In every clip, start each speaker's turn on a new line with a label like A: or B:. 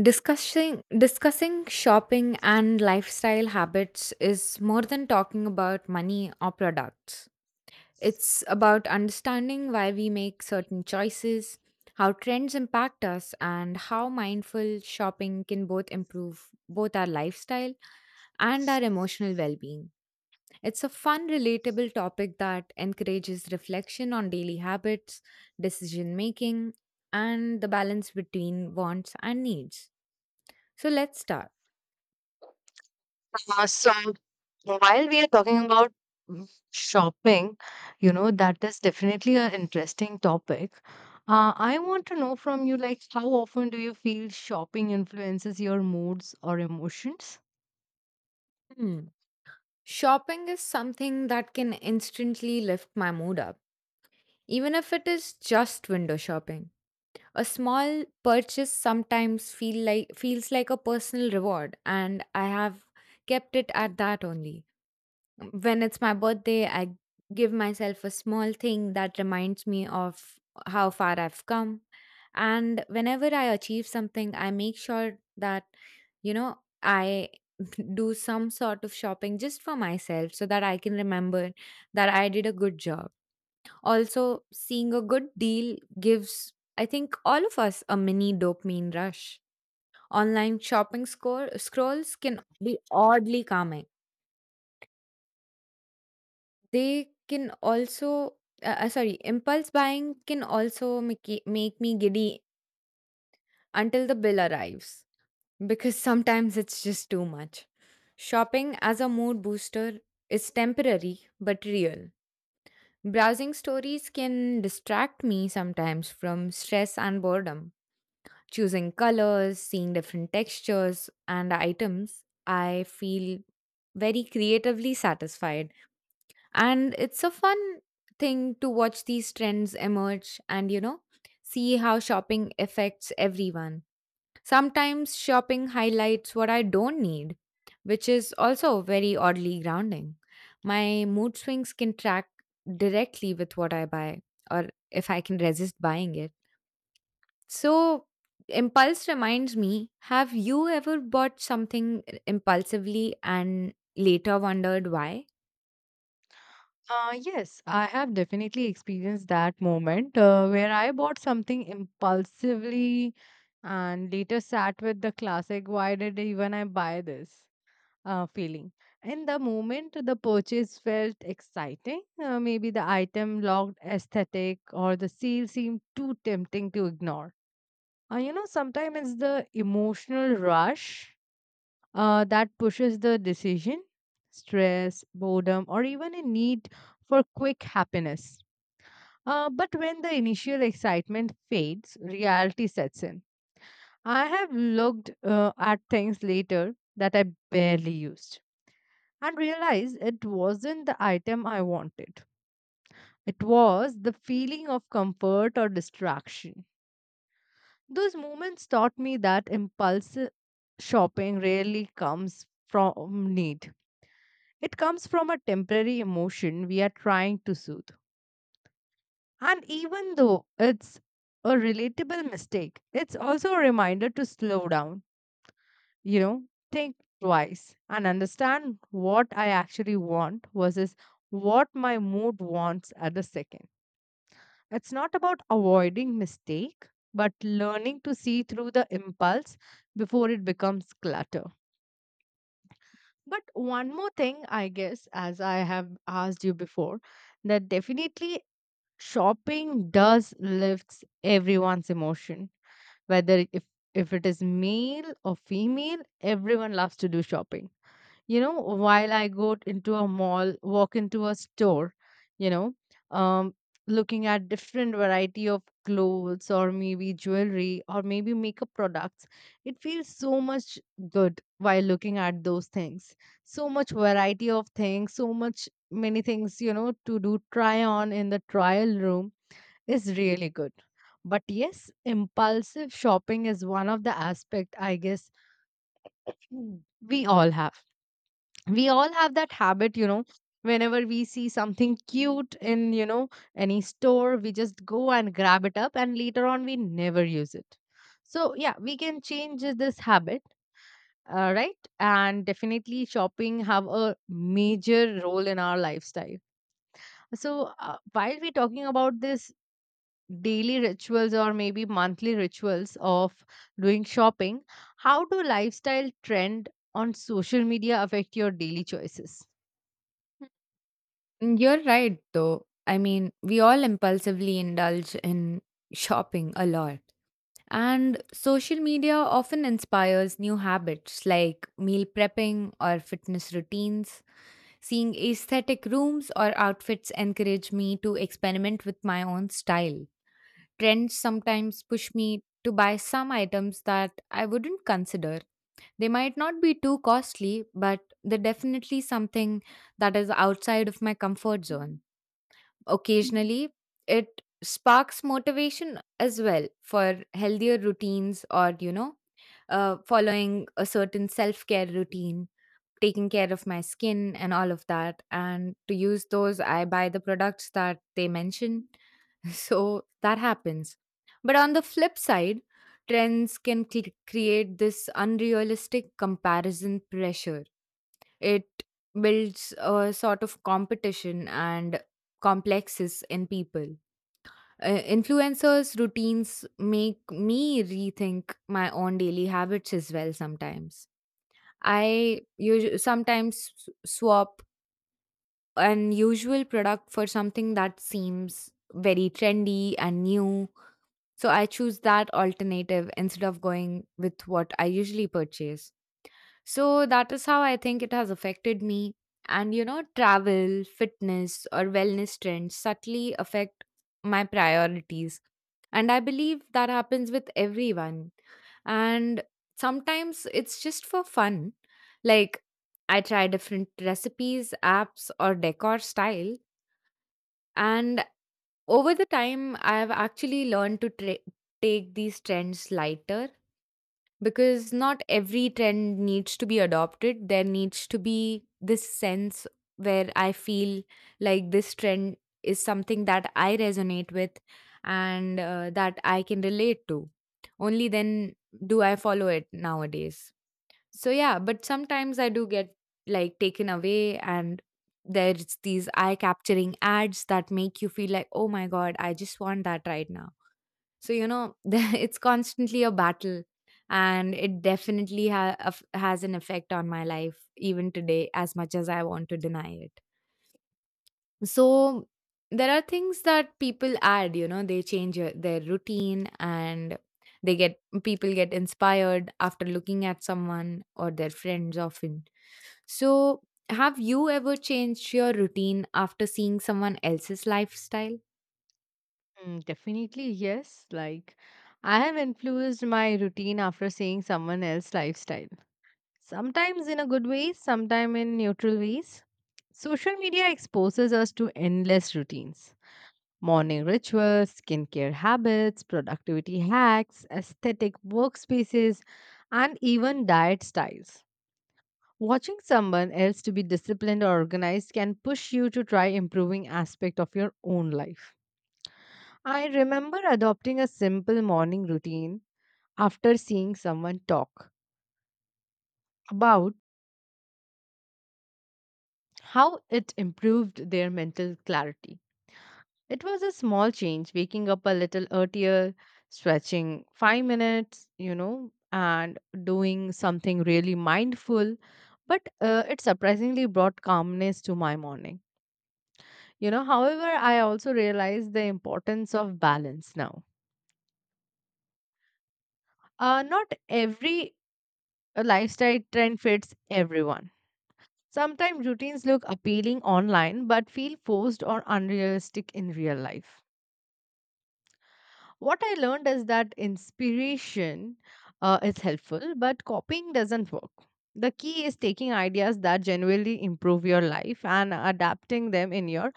A: Discussing shopping and lifestyle habits is more than talking about money or products. It's about understanding why we make certain choices, how trends impact us, and how mindful shopping can both improve both our lifestyle and our emotional well-being. It's a fun, relatable topic that encourages reflection on daily habits, decision making, and the balance between wants and needs. So let's start.
B: So while we are talking about shopping, you know, that is definitely an interesting topic. I want to know from you, like, how often do you feel shopping influences your moods or emotions?
A: Hmm. Shopping is something that can instantly lift my mood up, even if it is just window shopping. A small purchase sometimes feel like feels like a personal reward, and I have kept it at that only. When it's my birthday, I give myself a small thing that reminds me of how far I've come. And whenever I achieve something, I make sure that, I do some sort of shopping just for myself so that I can remember that I did a good job. Also, seeing a good deal gives, I think, all of us a mini dopamine rush. Online shopping score scrolls can be oddly calming. They can also sorry, impulse buying can also make me giddy until the bill arrives, because sometimes it's just too much. Shopping as a mood booster is temporary but real. Browsing stories can distract me sometimes from stress and boredom. Choosing colors, seeing different textures and items, I feel very creatively satisfied. And it's a fun thing to watch these trends emerge and, see how shopping affects everyone. Sometimes shopping highlights what I don't need, which is also very oddly grounding. My mood swings can track directly with what I buy or if I can resist buying it. So, impulse reminds me, have you ever bought something impulsively and later wondered why?
B: Yes, I have definitely experienced that moment where I bought something impulsively and later sat with the classic, why did even I buy this? Feeling. And the moment the purchase felt exciting, maybe the item looked aesthetic or the sale seemed too tempting to ignore. You know, sometimes it's the emotional rush that pushes the decision, stress, boredom, or even a need for quick happiness. But when the initial excitement fades, reality sets in. I have looked at things later that I barely used and realized it wasn't the item I wanted. It was the feeling of comfort or distraction. Those moments taught me that impulsive shopping rarely comes from need. It comes from a temporary emotion we are trying to soothe. And even though it's a relatable mistake, it's also a reminder to slow down, you know, think twice and understand what I actually want versus what my mood wants at the second. It's not about avoiding mistake, but learning to see through the impulse before it becomes clutter. But one more thing, I guess, as I have asked you before, that definitely shopping does lifts everyone's emotion. Whether if it is male or female, everyone loves to do shopping. You know, while I into a mall, walk into a store, you know, um, looking at different variety of clothes or maybe jewelry or maybe makeup products, it feels so much good while looking at those things. So much variety of things, so much many things, you know, to do try on in the trial room is really good. But yes, impulsive shopping is one of the aspect, I guess. Mm. we all have we all have that habit, you know, whenever we see something cute in, you know, any store, we just go and grab it up and later on we never use it. So yeah, we can change this habit. Right, and definitely shopping have a major role in our lifestyle. So, while we're talking about this daily rituals or maybe monthly rituals of doing shopping, how do lifestyle trend on social media affect your daily choices?
A: Mm, you're right, though. I mean, we all impulsively indulge in shopping a lot. And social media often inspires new habits like meal prepping or fitness routines. Seeing aesthetic rooms or outfits encourage me to experiment with my own style. Trends sometimes push me to buy some items that I wouldn't consider. They might not be too costly, but they're definitely something that is outside of my comfort zone. Occasionally, it sparks motivation as well for healthier routines or, following a certain self care routine, taking care of my skin and all of that. And to use those, I buy the products that they mention. So that happens. But on the flip side, trends can create this unrealistic comparison pressure. It builds a sort of competition and complexes in people. Influencers' routines make me rethink my own daily habits as well sometimes. Sometimes swap an usual product for something that seems very trendy and new. So I choose that alternative instead of going with what I usually purchase. So that is how I think it has affected me. And you know, travel, fitness, or wellness trends subtly affect my priorities. And I believe that happens with everyone. And sometimes it's just for fun. Like, I try different recipes, apps, or decor style. And over the time, I've actually learned to take these trends lighter, because not every trend needs to be adopted. There needs to be this sense where I feel like this trend is something that I resonate with and that I can relate to. Only then do I follow it nowadays. So yeah, but sometimes I do get like taken away, and there's these eye capturing ads that make you feel like, oh my god, I just want that right now. So, it's constantly a battle. And it definitely has an effect on my life, even today, as much as I want to deny it. So, there are things that people add, you know, they change their routine, and they get people get inspired after looking at someone or their friends often. So, have you ever changed your routine after seeing someone else's lifestyle?
B: Definitely, yes. Like, I have influenced my routine after seeing someone else's lifestyle. Sometimes in a good way, sometimes in neutral ways. Social media exposes us to endless routines. Morning rituals, skincare habits, productivity hacks, aesthetic workspaces, and even diet styles. Watching someone else to be disciplined or organized can push you to try improving aspect of your own life. I remember adopting a simple morning routine after seeing someone talk about how it improved their mental clarity. It was a small change, waking up a little earlier, stretching 5 minutes, you know, and doing something really mindful. But it surprisingly brought calmness to my morning. You know, however, I also realized the importance of balance now. Not every lifestyle trend fits everyone. Sometimes routines look appealing online but feel forced or unrealistic in real life. What I learned is that inspiration is helpful, but copying doesn't work. The key is taking ideas that genuinely improve your life and adapting them in your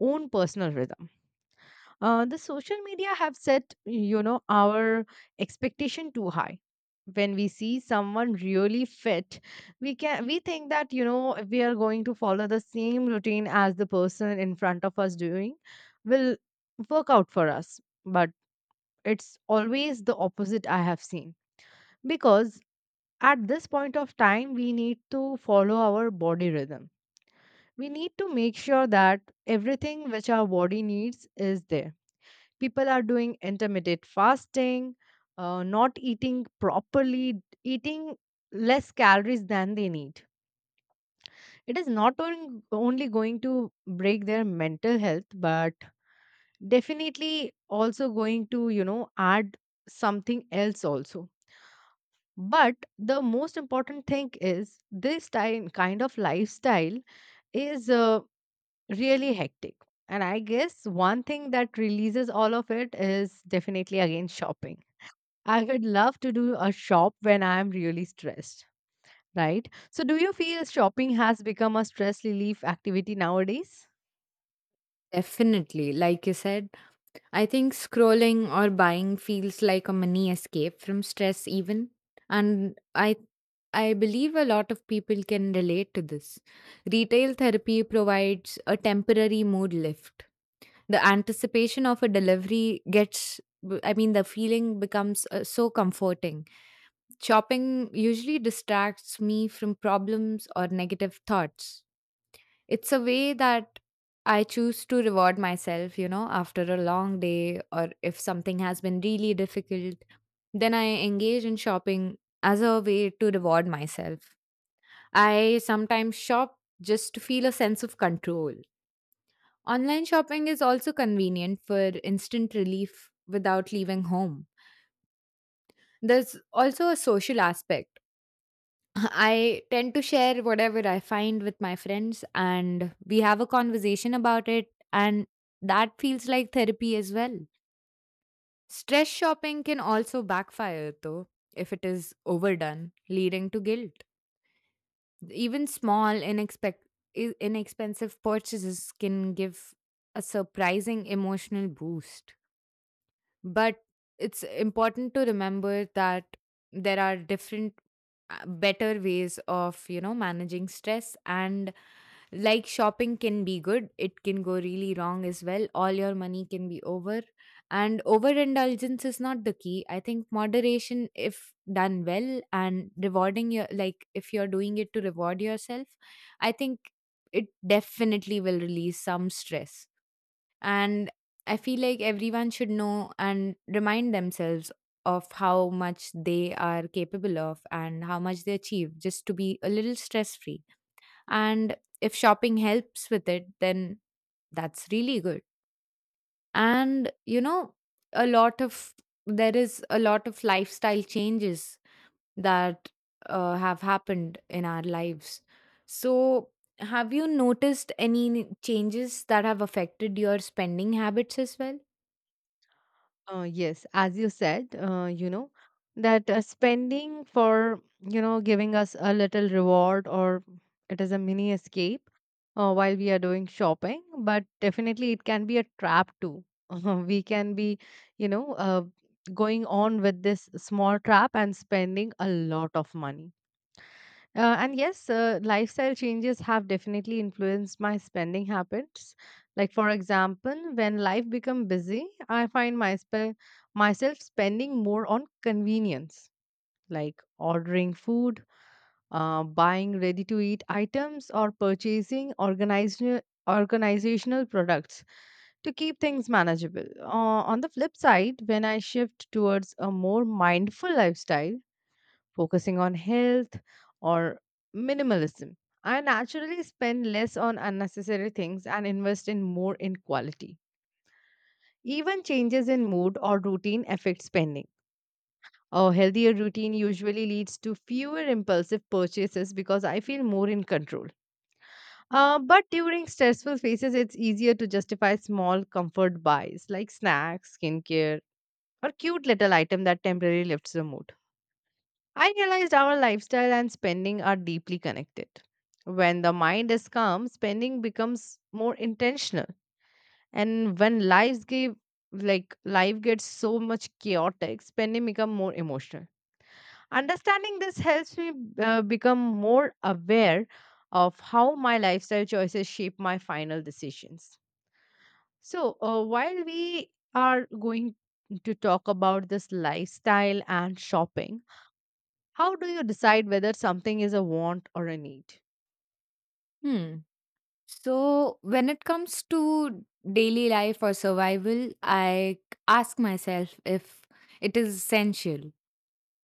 B: own personal rhythm. The social media have set, you know, our expectation too high. When we see someone really fit, we think that, you know, we are going to follow the same routine as the person in front of us doing will work out for us. But it's always the opposite I have seen, because at this point of time we need to follow our body rhythm. We need to make sure that everything which our body needs is there. People are doing intermittent fasting, not eating properly, eating less calories than they need. It is not on- only going to break their mental health, but definitely also going to, you know, add something else also. But the most important thing is this time kind of lifestyle is really hectic. And I guess one thing that releases all of it is definitely again shopping. I would love to do a shop when I am really stressed, right? So, do you feel shopping has become a stress relief activity nowadays?
A: Definitely, like you said, I think scrolling or buying feels like a mini escape from stress, even, and I believe a lot of people can relate to this. Retail therapy provides a temporary mood lift. The anticipation of a delivery gets I mean, the feeling becomes so comforting. Shopping usually distracts me from problems or negative thoughts. It's a way that I choose to reward myself, you know, after a long day, or if something has been really difficult, then I engage in shopping as a way to reward myself. I sometimes shop just to feel a sense of control. Online shopping is also convenient for instant relief without leaving home. There's also a social aspect. I tend to share whatever I find with my friends, and we have a conversation about it, and that feels like therapy as well. Stress shopping can also backfire, though, if it is overdone, leading to guilt. Even small, inexpensive purchases can give a surprising emotional boost. But it's important to remember that there are different, better ways of, you know, managing stress. And like, shopping can be good, it can go really wrong as well, all your money can be over, and overindulgence is not the key. I think moderation, if done well, and rewarding your like if you're doing it to reward yourself, I think it definitely will release some stress. And I feel like everyone should know and remind themselves of how much they are capable of and how much they achieve, just to be a little stress free. And if shopping helps with it, then that's really good. And you know, a lot of there is a lot of lifestyle changes that have happened in our lives. So, have you noticed any changes that have affected your spending habits as well?
B: Yes, as you said, you know, that spending for, you know, giving us a little reward, or it is a mini escape while we are doing shopping, but definitely it can be a trap too. We can be, you know, going on with this small trap and spending a lot of money. And yes, lifestyle changes have definitely influenced my spending habits. Like for example, when life become busy, I find my myself spending more on convenience, like ordering food, buying ready-to-eat items, or purchasing organizational products to keep things manageable. On the flip side, when I shift towards a more mindful lifestyle focusing on health or minimalism. I naturally spend less on unnecessary things and invest in more in quality. Even changes in mood or routine affect spending. A healthier routine usually leads to fewer impulsive purchases because I feel more in control. But during stressful phases, it's easier to justify small comfort buys like snacks, skincare, or cute little item that temporarily lifts the mood. I realized our lifestyle and spending are deeply connected. When the mind is calm, spending becomes more intentional. And when lives give like life gets so much chaotic, spending become more emotional. Understanding this helps me become more aware of how my lifestyle choices shape my final decisions. So, while we are going to talk about this lifestyle and shopping, how do you decide whether something is a want or a need?
A: Hmm. So when it comes to daily life or survival, I ask myself if it is essential,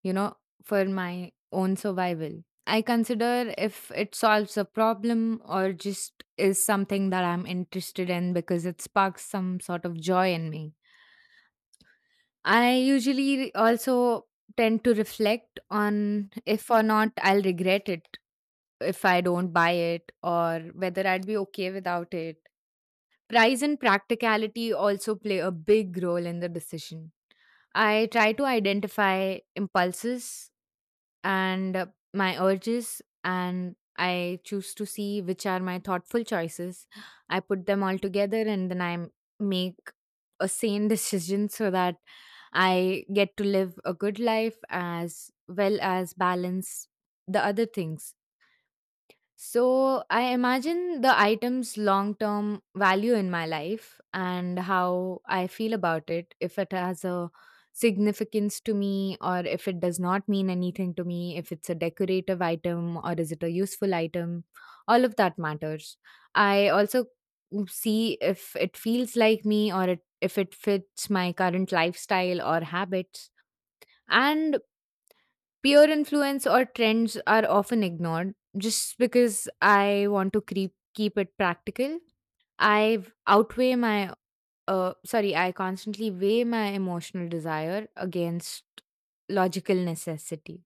A: you know, for my own survival. I consider if it solves a problem or just is something that I'm interested in because it sparks some sort of joy in me. I usually also tend to reflect on if or not I'll regret it if I don't buy it, or whether I'd be okay without it. Price and practicality also play a big role in the decision. I try to identify impulses and my urges, and I choose to see which are my thoughtful choices. I put them all together, and then make a sane decision so that I get to live a good life as well as balance the other things. So I imagine the item's long term value in my life and how I feel about it. If it has a significance to me, or if it does not mean anything to me, if it's a decorative item or is it a useful item, all of that matters. I also see if it feels like me or it, if it fits my current lifestyle or habits. And peer influence or trends are often ignored just because I want to keep it practical. I outweigh my, Sorry, I constantly weigh my emotional desire against logical necessity.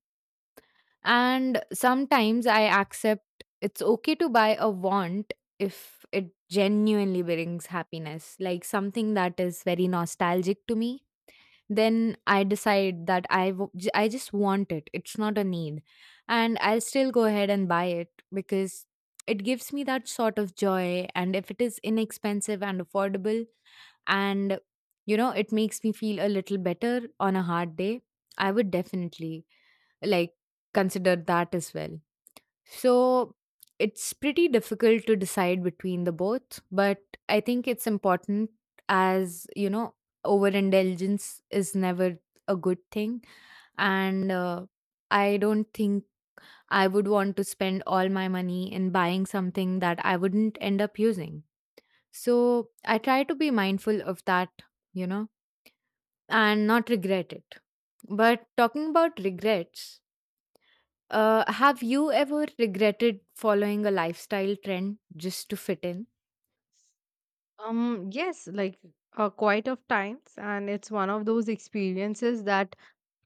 A: And sometimes I accept it's okay to buy a want if it genuinely brings happiness, like something that is very nostalgic to me. Then I decide that I just want it, it's not a need, and I'll still go ahead and buy it, because it gives me that sort of joy. And if it is inexpensive and affordable, and you know, it makes me feel a little better on a hard day, I would definitely like consider that as well. So it's pretty difficult to decide between the both, but I think it's important, as, you know, overindulgence is never a good thing. And I don't think I would want to spend all my money in buying something that I wouldn't end up using. So I try to be mindful of that, you know, and not regret it. But talking about regrets, have you ever regretted following a lifestyle trend just to fit in?
B: Yes, like quite of times, and it's one of those experiences that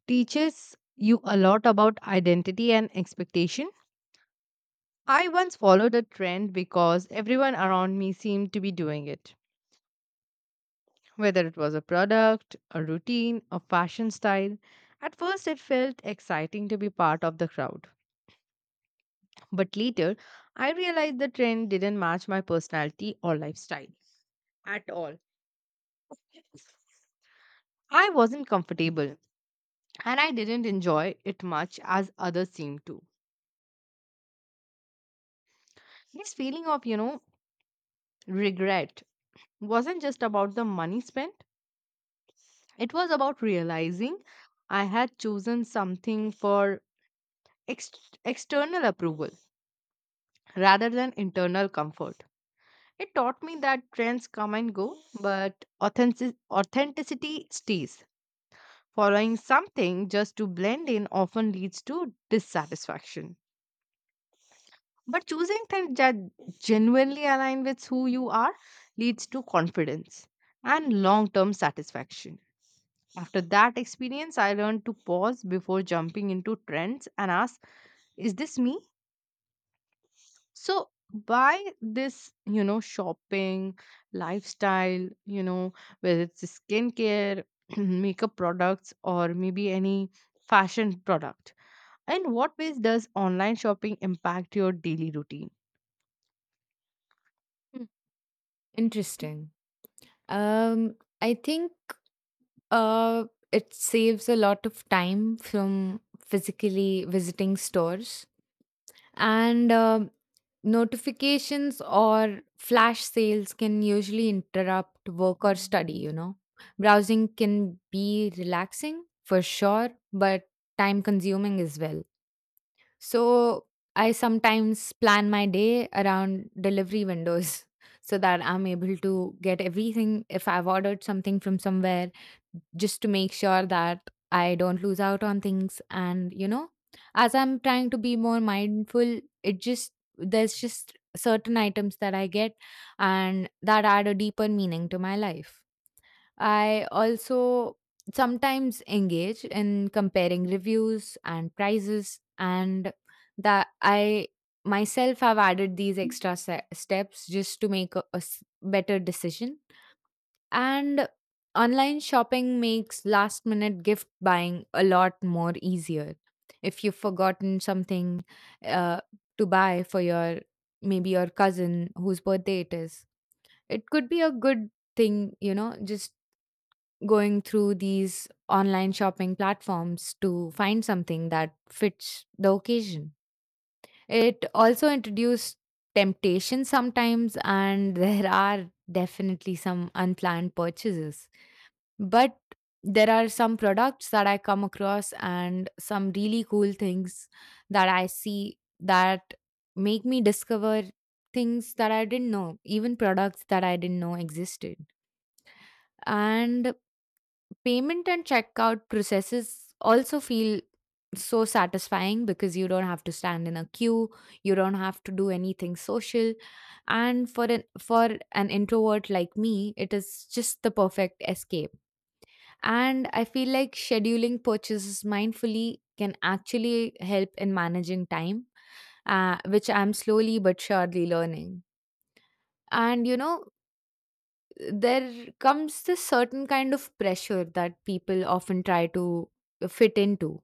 B: teaches you a lot about identity and expectation. I once followed a trend because everyone around me seemed to be doing it, whether it was a product, a routine, a fashion style. At first, it felt exciting to be part of the crowd, but later, I realized the trend didn't match my personality or lifestyle at all. I wasn't comfortable and I didn't enjoy it much as others seemed to. This feeling of, you know, regret wasn't just about the money spent, it was about realizing I had chosen something for ex- external approval rather than internal comfort. It taught me that trends come and go, but authenticity stays. Following something just to blend in often leads to dissatisfaction. But choosing things that genuinely align with who you are leads to confidence and long term satisfaction. After that experience, I learned to pause before jumping into trends and ask, is this me? So, by this, you know, shopping, lifestyle, you know, whether it's skincare, makeup products, or maybe any fashion product, in what ways does online shopping impact your daily routine?
A: Hmm. Interesting. Um, I think uh, it saves a lot of time from physically visiting stores, and notifications or flash sales can usually interrupt work or study, you know. Browsing can be relaxing for sure, but time consuming as well. So I sometimes plan my day around delivery windows so that I'm able to get everything if I've ordered something from somewhere, just to make sure that I don't lose out on things. And, you know, as I'm trying to be more mindful, there's just certain items that I get and that add a deeper meaning to my life. I also sometimes engage in comparing reviews and prices, and that I myself have added these extra steps just to make a better decision. And online shopping makes last minute gift buying a lot more easier. If you've forgotten something uh, to buy for your maybe your cousin whose birthday it is, it could be a good thing, you know, just going through these online shopping platforms to find something that fits the occasion. It also introduced temptation sometimes, and there are definitely some unplanned purchases. But there are some products that I come across and some really cool things that I see that make me discover things that I didn't know, even products that I didn't know existed. And payment and checkout processes also feel so satisfying because you don't have to stand in a queue, you don't have to do anything social, and for an introvert like me, it is just the perfect escape. And I feel like scheduling purchases mindfully can actually help in managing time, which I'm slowly but surely learning. And you know, there comes this certain kind of pressure that people often try to fit into.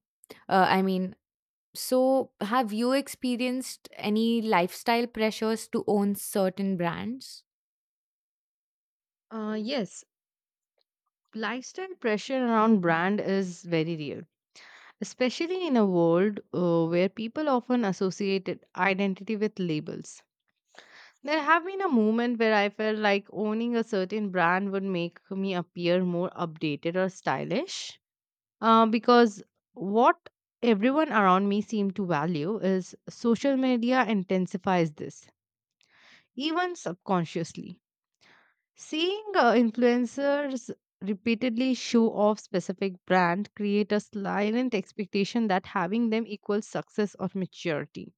A: Uh, I mean, so have you experienced any lifestyle pressures to own certain brands?
B: Yes, lifestyle pressure around brand is very real, especially in a world where people often identity with labels. There have been a moment where I felt like owning a certain brand would make me appear more updated or stylish because what everyone around me seemed to value is social media intensifies this, even subconsciously. Seeing influencers repeatedly show off specific brand create a silent expectation that having them equals success or maturity.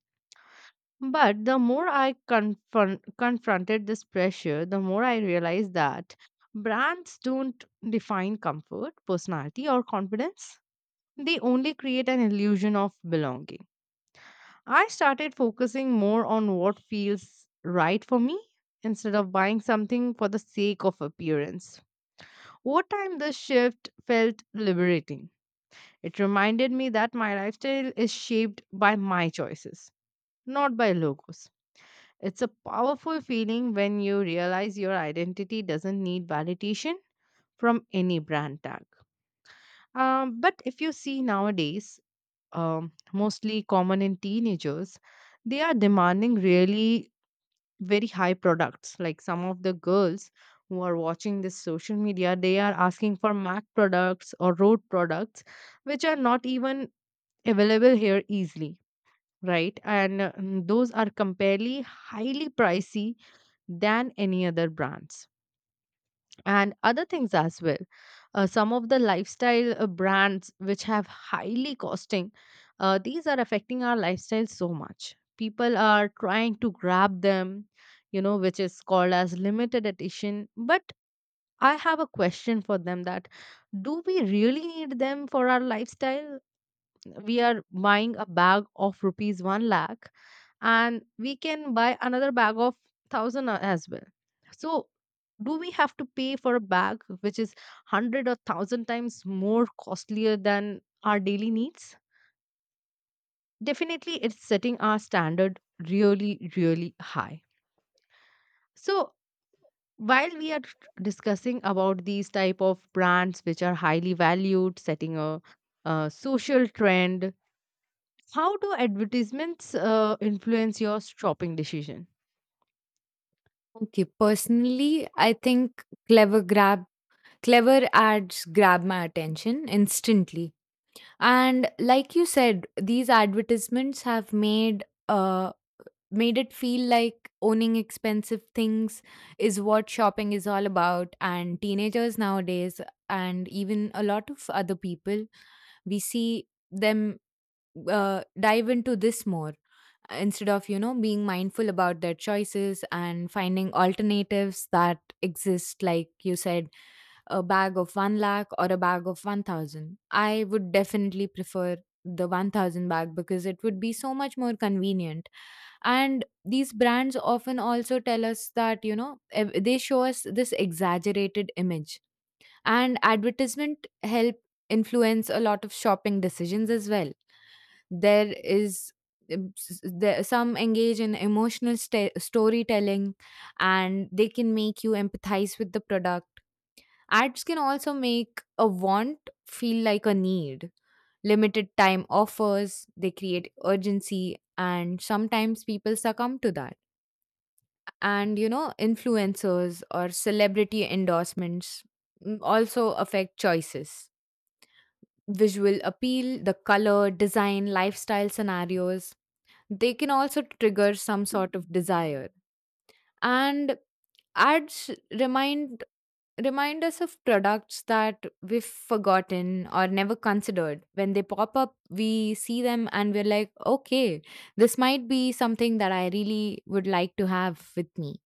B: But the more I confronted this pressure, the more I realized that brands don't define comfort, personality, or confidence. They only create an illusion of belonging. I started focusing more on what feels right for me instead of buying something for the sake of appearance. Over time, this shift felt liberating. It reminded me that my lifestyle is shaped by my choices, not by logos. It's a powerful feeling when you realize your identity doesn't need validation from any brand tag. But if you see nowadays, mostly common in teenagers, they are demanding really very high products. Like some of the girls who are watching this social media, they are asking for MAC products or road products, which are not even available here easily, right? And those are comparably highly pricey than any other brands. And other things as well. Some of the lifestyle brands which have highly costing, these are affecting our lifestyle so much. People are trying to grab them, you know, which is called as limited edition. But I have a question for them, that do we really need them for our lifestyle? We are buying a bag of rupees 1 lakh and we can buy another bag of 1000 as well. So do we have to pay for a bag which is 100 or 1000 times more costlier than our daily needs? Definitely it's setting our standard really really high. So while we are discussing about these type of brands which are highly valued, setting a social trend, how do advertisements influence your shopping decision?
A: Okay, personally, I think clever ads grab my attention instantly. And like you said, these advertisements have made it feel like owning expensive things is what shopping is all about. And teenagers nowadays, and even a lot of other people, we see them dive into this more instead of, you know, being mindful about their choices and finding alternatives that exist, like you said, a bag of 1 lakh or a bag of 1000. I would definitely prefer the 1000 bag because it would be so much more convenient. And these brands often also tell us that, you know, they show us this exaggerated image, and advertisement help influence a lot of shopping decisions as well. There is, some engage in emotional sta storytelling, and they can make you empathize with the product. Ads can also make a want feel like a need. Limited time offers, they create urgency, and sometimes people succumb to that. And you know, influencers or celebrity endorsements, also affect choices. Visual appeal, the color, design, lifestyle scenarios, they can also trigger some sort of desire. And ads remind remind us of products that we've forgotten or never considered. When they pop up, we see them and we're like, okay, this might be something that I really would like to have with me.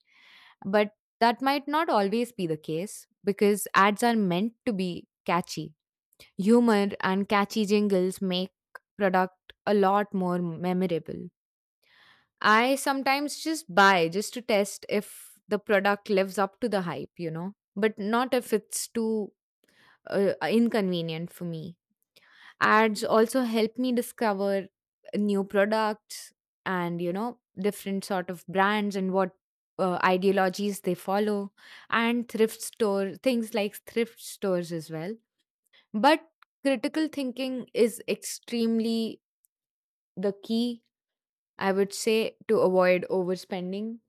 A: But that might not always be the case because ads are meant to be catchy. Humor and catchy jingles make product a lot more memorable. I sometimes just buy just to test if the product lives up to the hype, you know, but not if it's too inconvenient for me. Ads also help me discover new products, and you know, different sort of brands and what ideologies they follow, and thrift store things, like thrift stores as well. But critical thinking is extremely the key, I would say, to avoid overspending,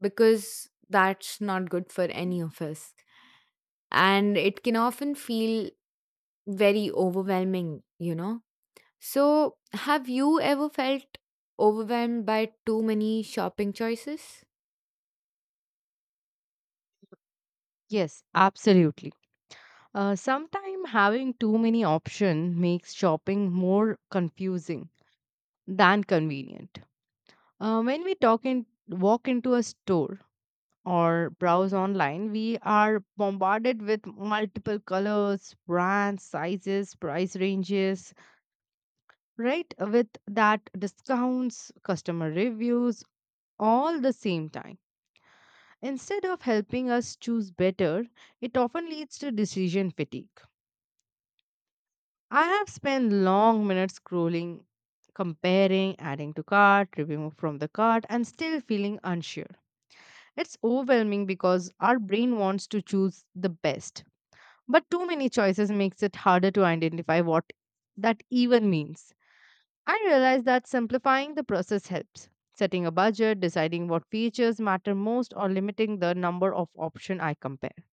A: because that's not good for any of us, and it can often feel very overwhelming, you know. So, have you ever felt overwhelmed by too many shopping choices?
B: Yes, absolutely. Sometimes having too many options makes shopping more confusing than convenient. When we walk into a store or browse online, we are bombarded with multiple colors, brands, sizes, price ranges, right? With that, discounts, customer reviews, all the same time. Instead of helping us choose better, it often leads to decision fatigue. I have spent long minutes scrolling, comparing, adding to cart, removing from the cart, and still feeling unsure. It's overwhelming because our brain wants to choose the best, but too many choices makes it harder to identify what that even means. I realize that simplifying the process helps. Setting a budget, deciding what features matter most, or limiting the number of options I compare.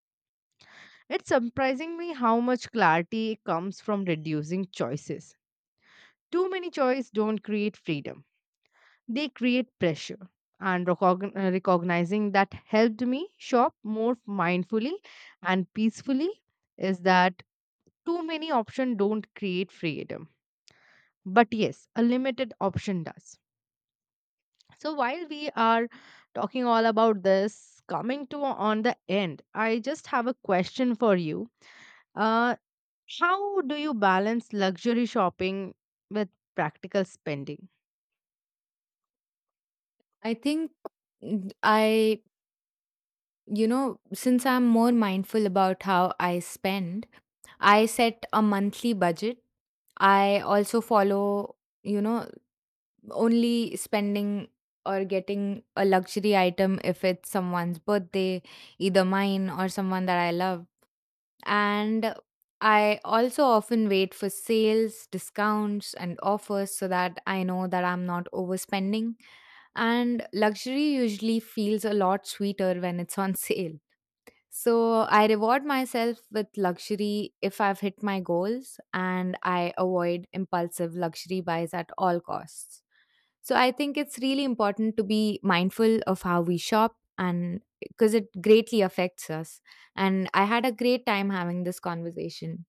B: It's surprising me how much clarity comes from reducing choices. Too many choices don't create freedom, they create pressure. And recognizing that helped me shop more mindfully and peacefully is that too many options don't create freedom. But yes, a limited option does. So while we are talking all about this, coming to on the end, I just have a question for you. Uh, How do you balance luxury shopping with practical spending?
A: I think, n- I, you know, since I'm more mindful about how I spend, I set a monthly budget. I also follow, you know, only spending or getting a luxury item if it's someone's birthday, either mine or someone that I love. And I also often wait for sales, discounts, and offers so that I know that I'm not overspending. And luxury usually feels a lot sweeter when it's on sale. So I reward myself with luxury if I've hit my goals, and I avoid impulsive luxury buys at all costs. So I think it's really important to be mindful of how we shop, and because it greatly affects us. And I had a great time having this conversation.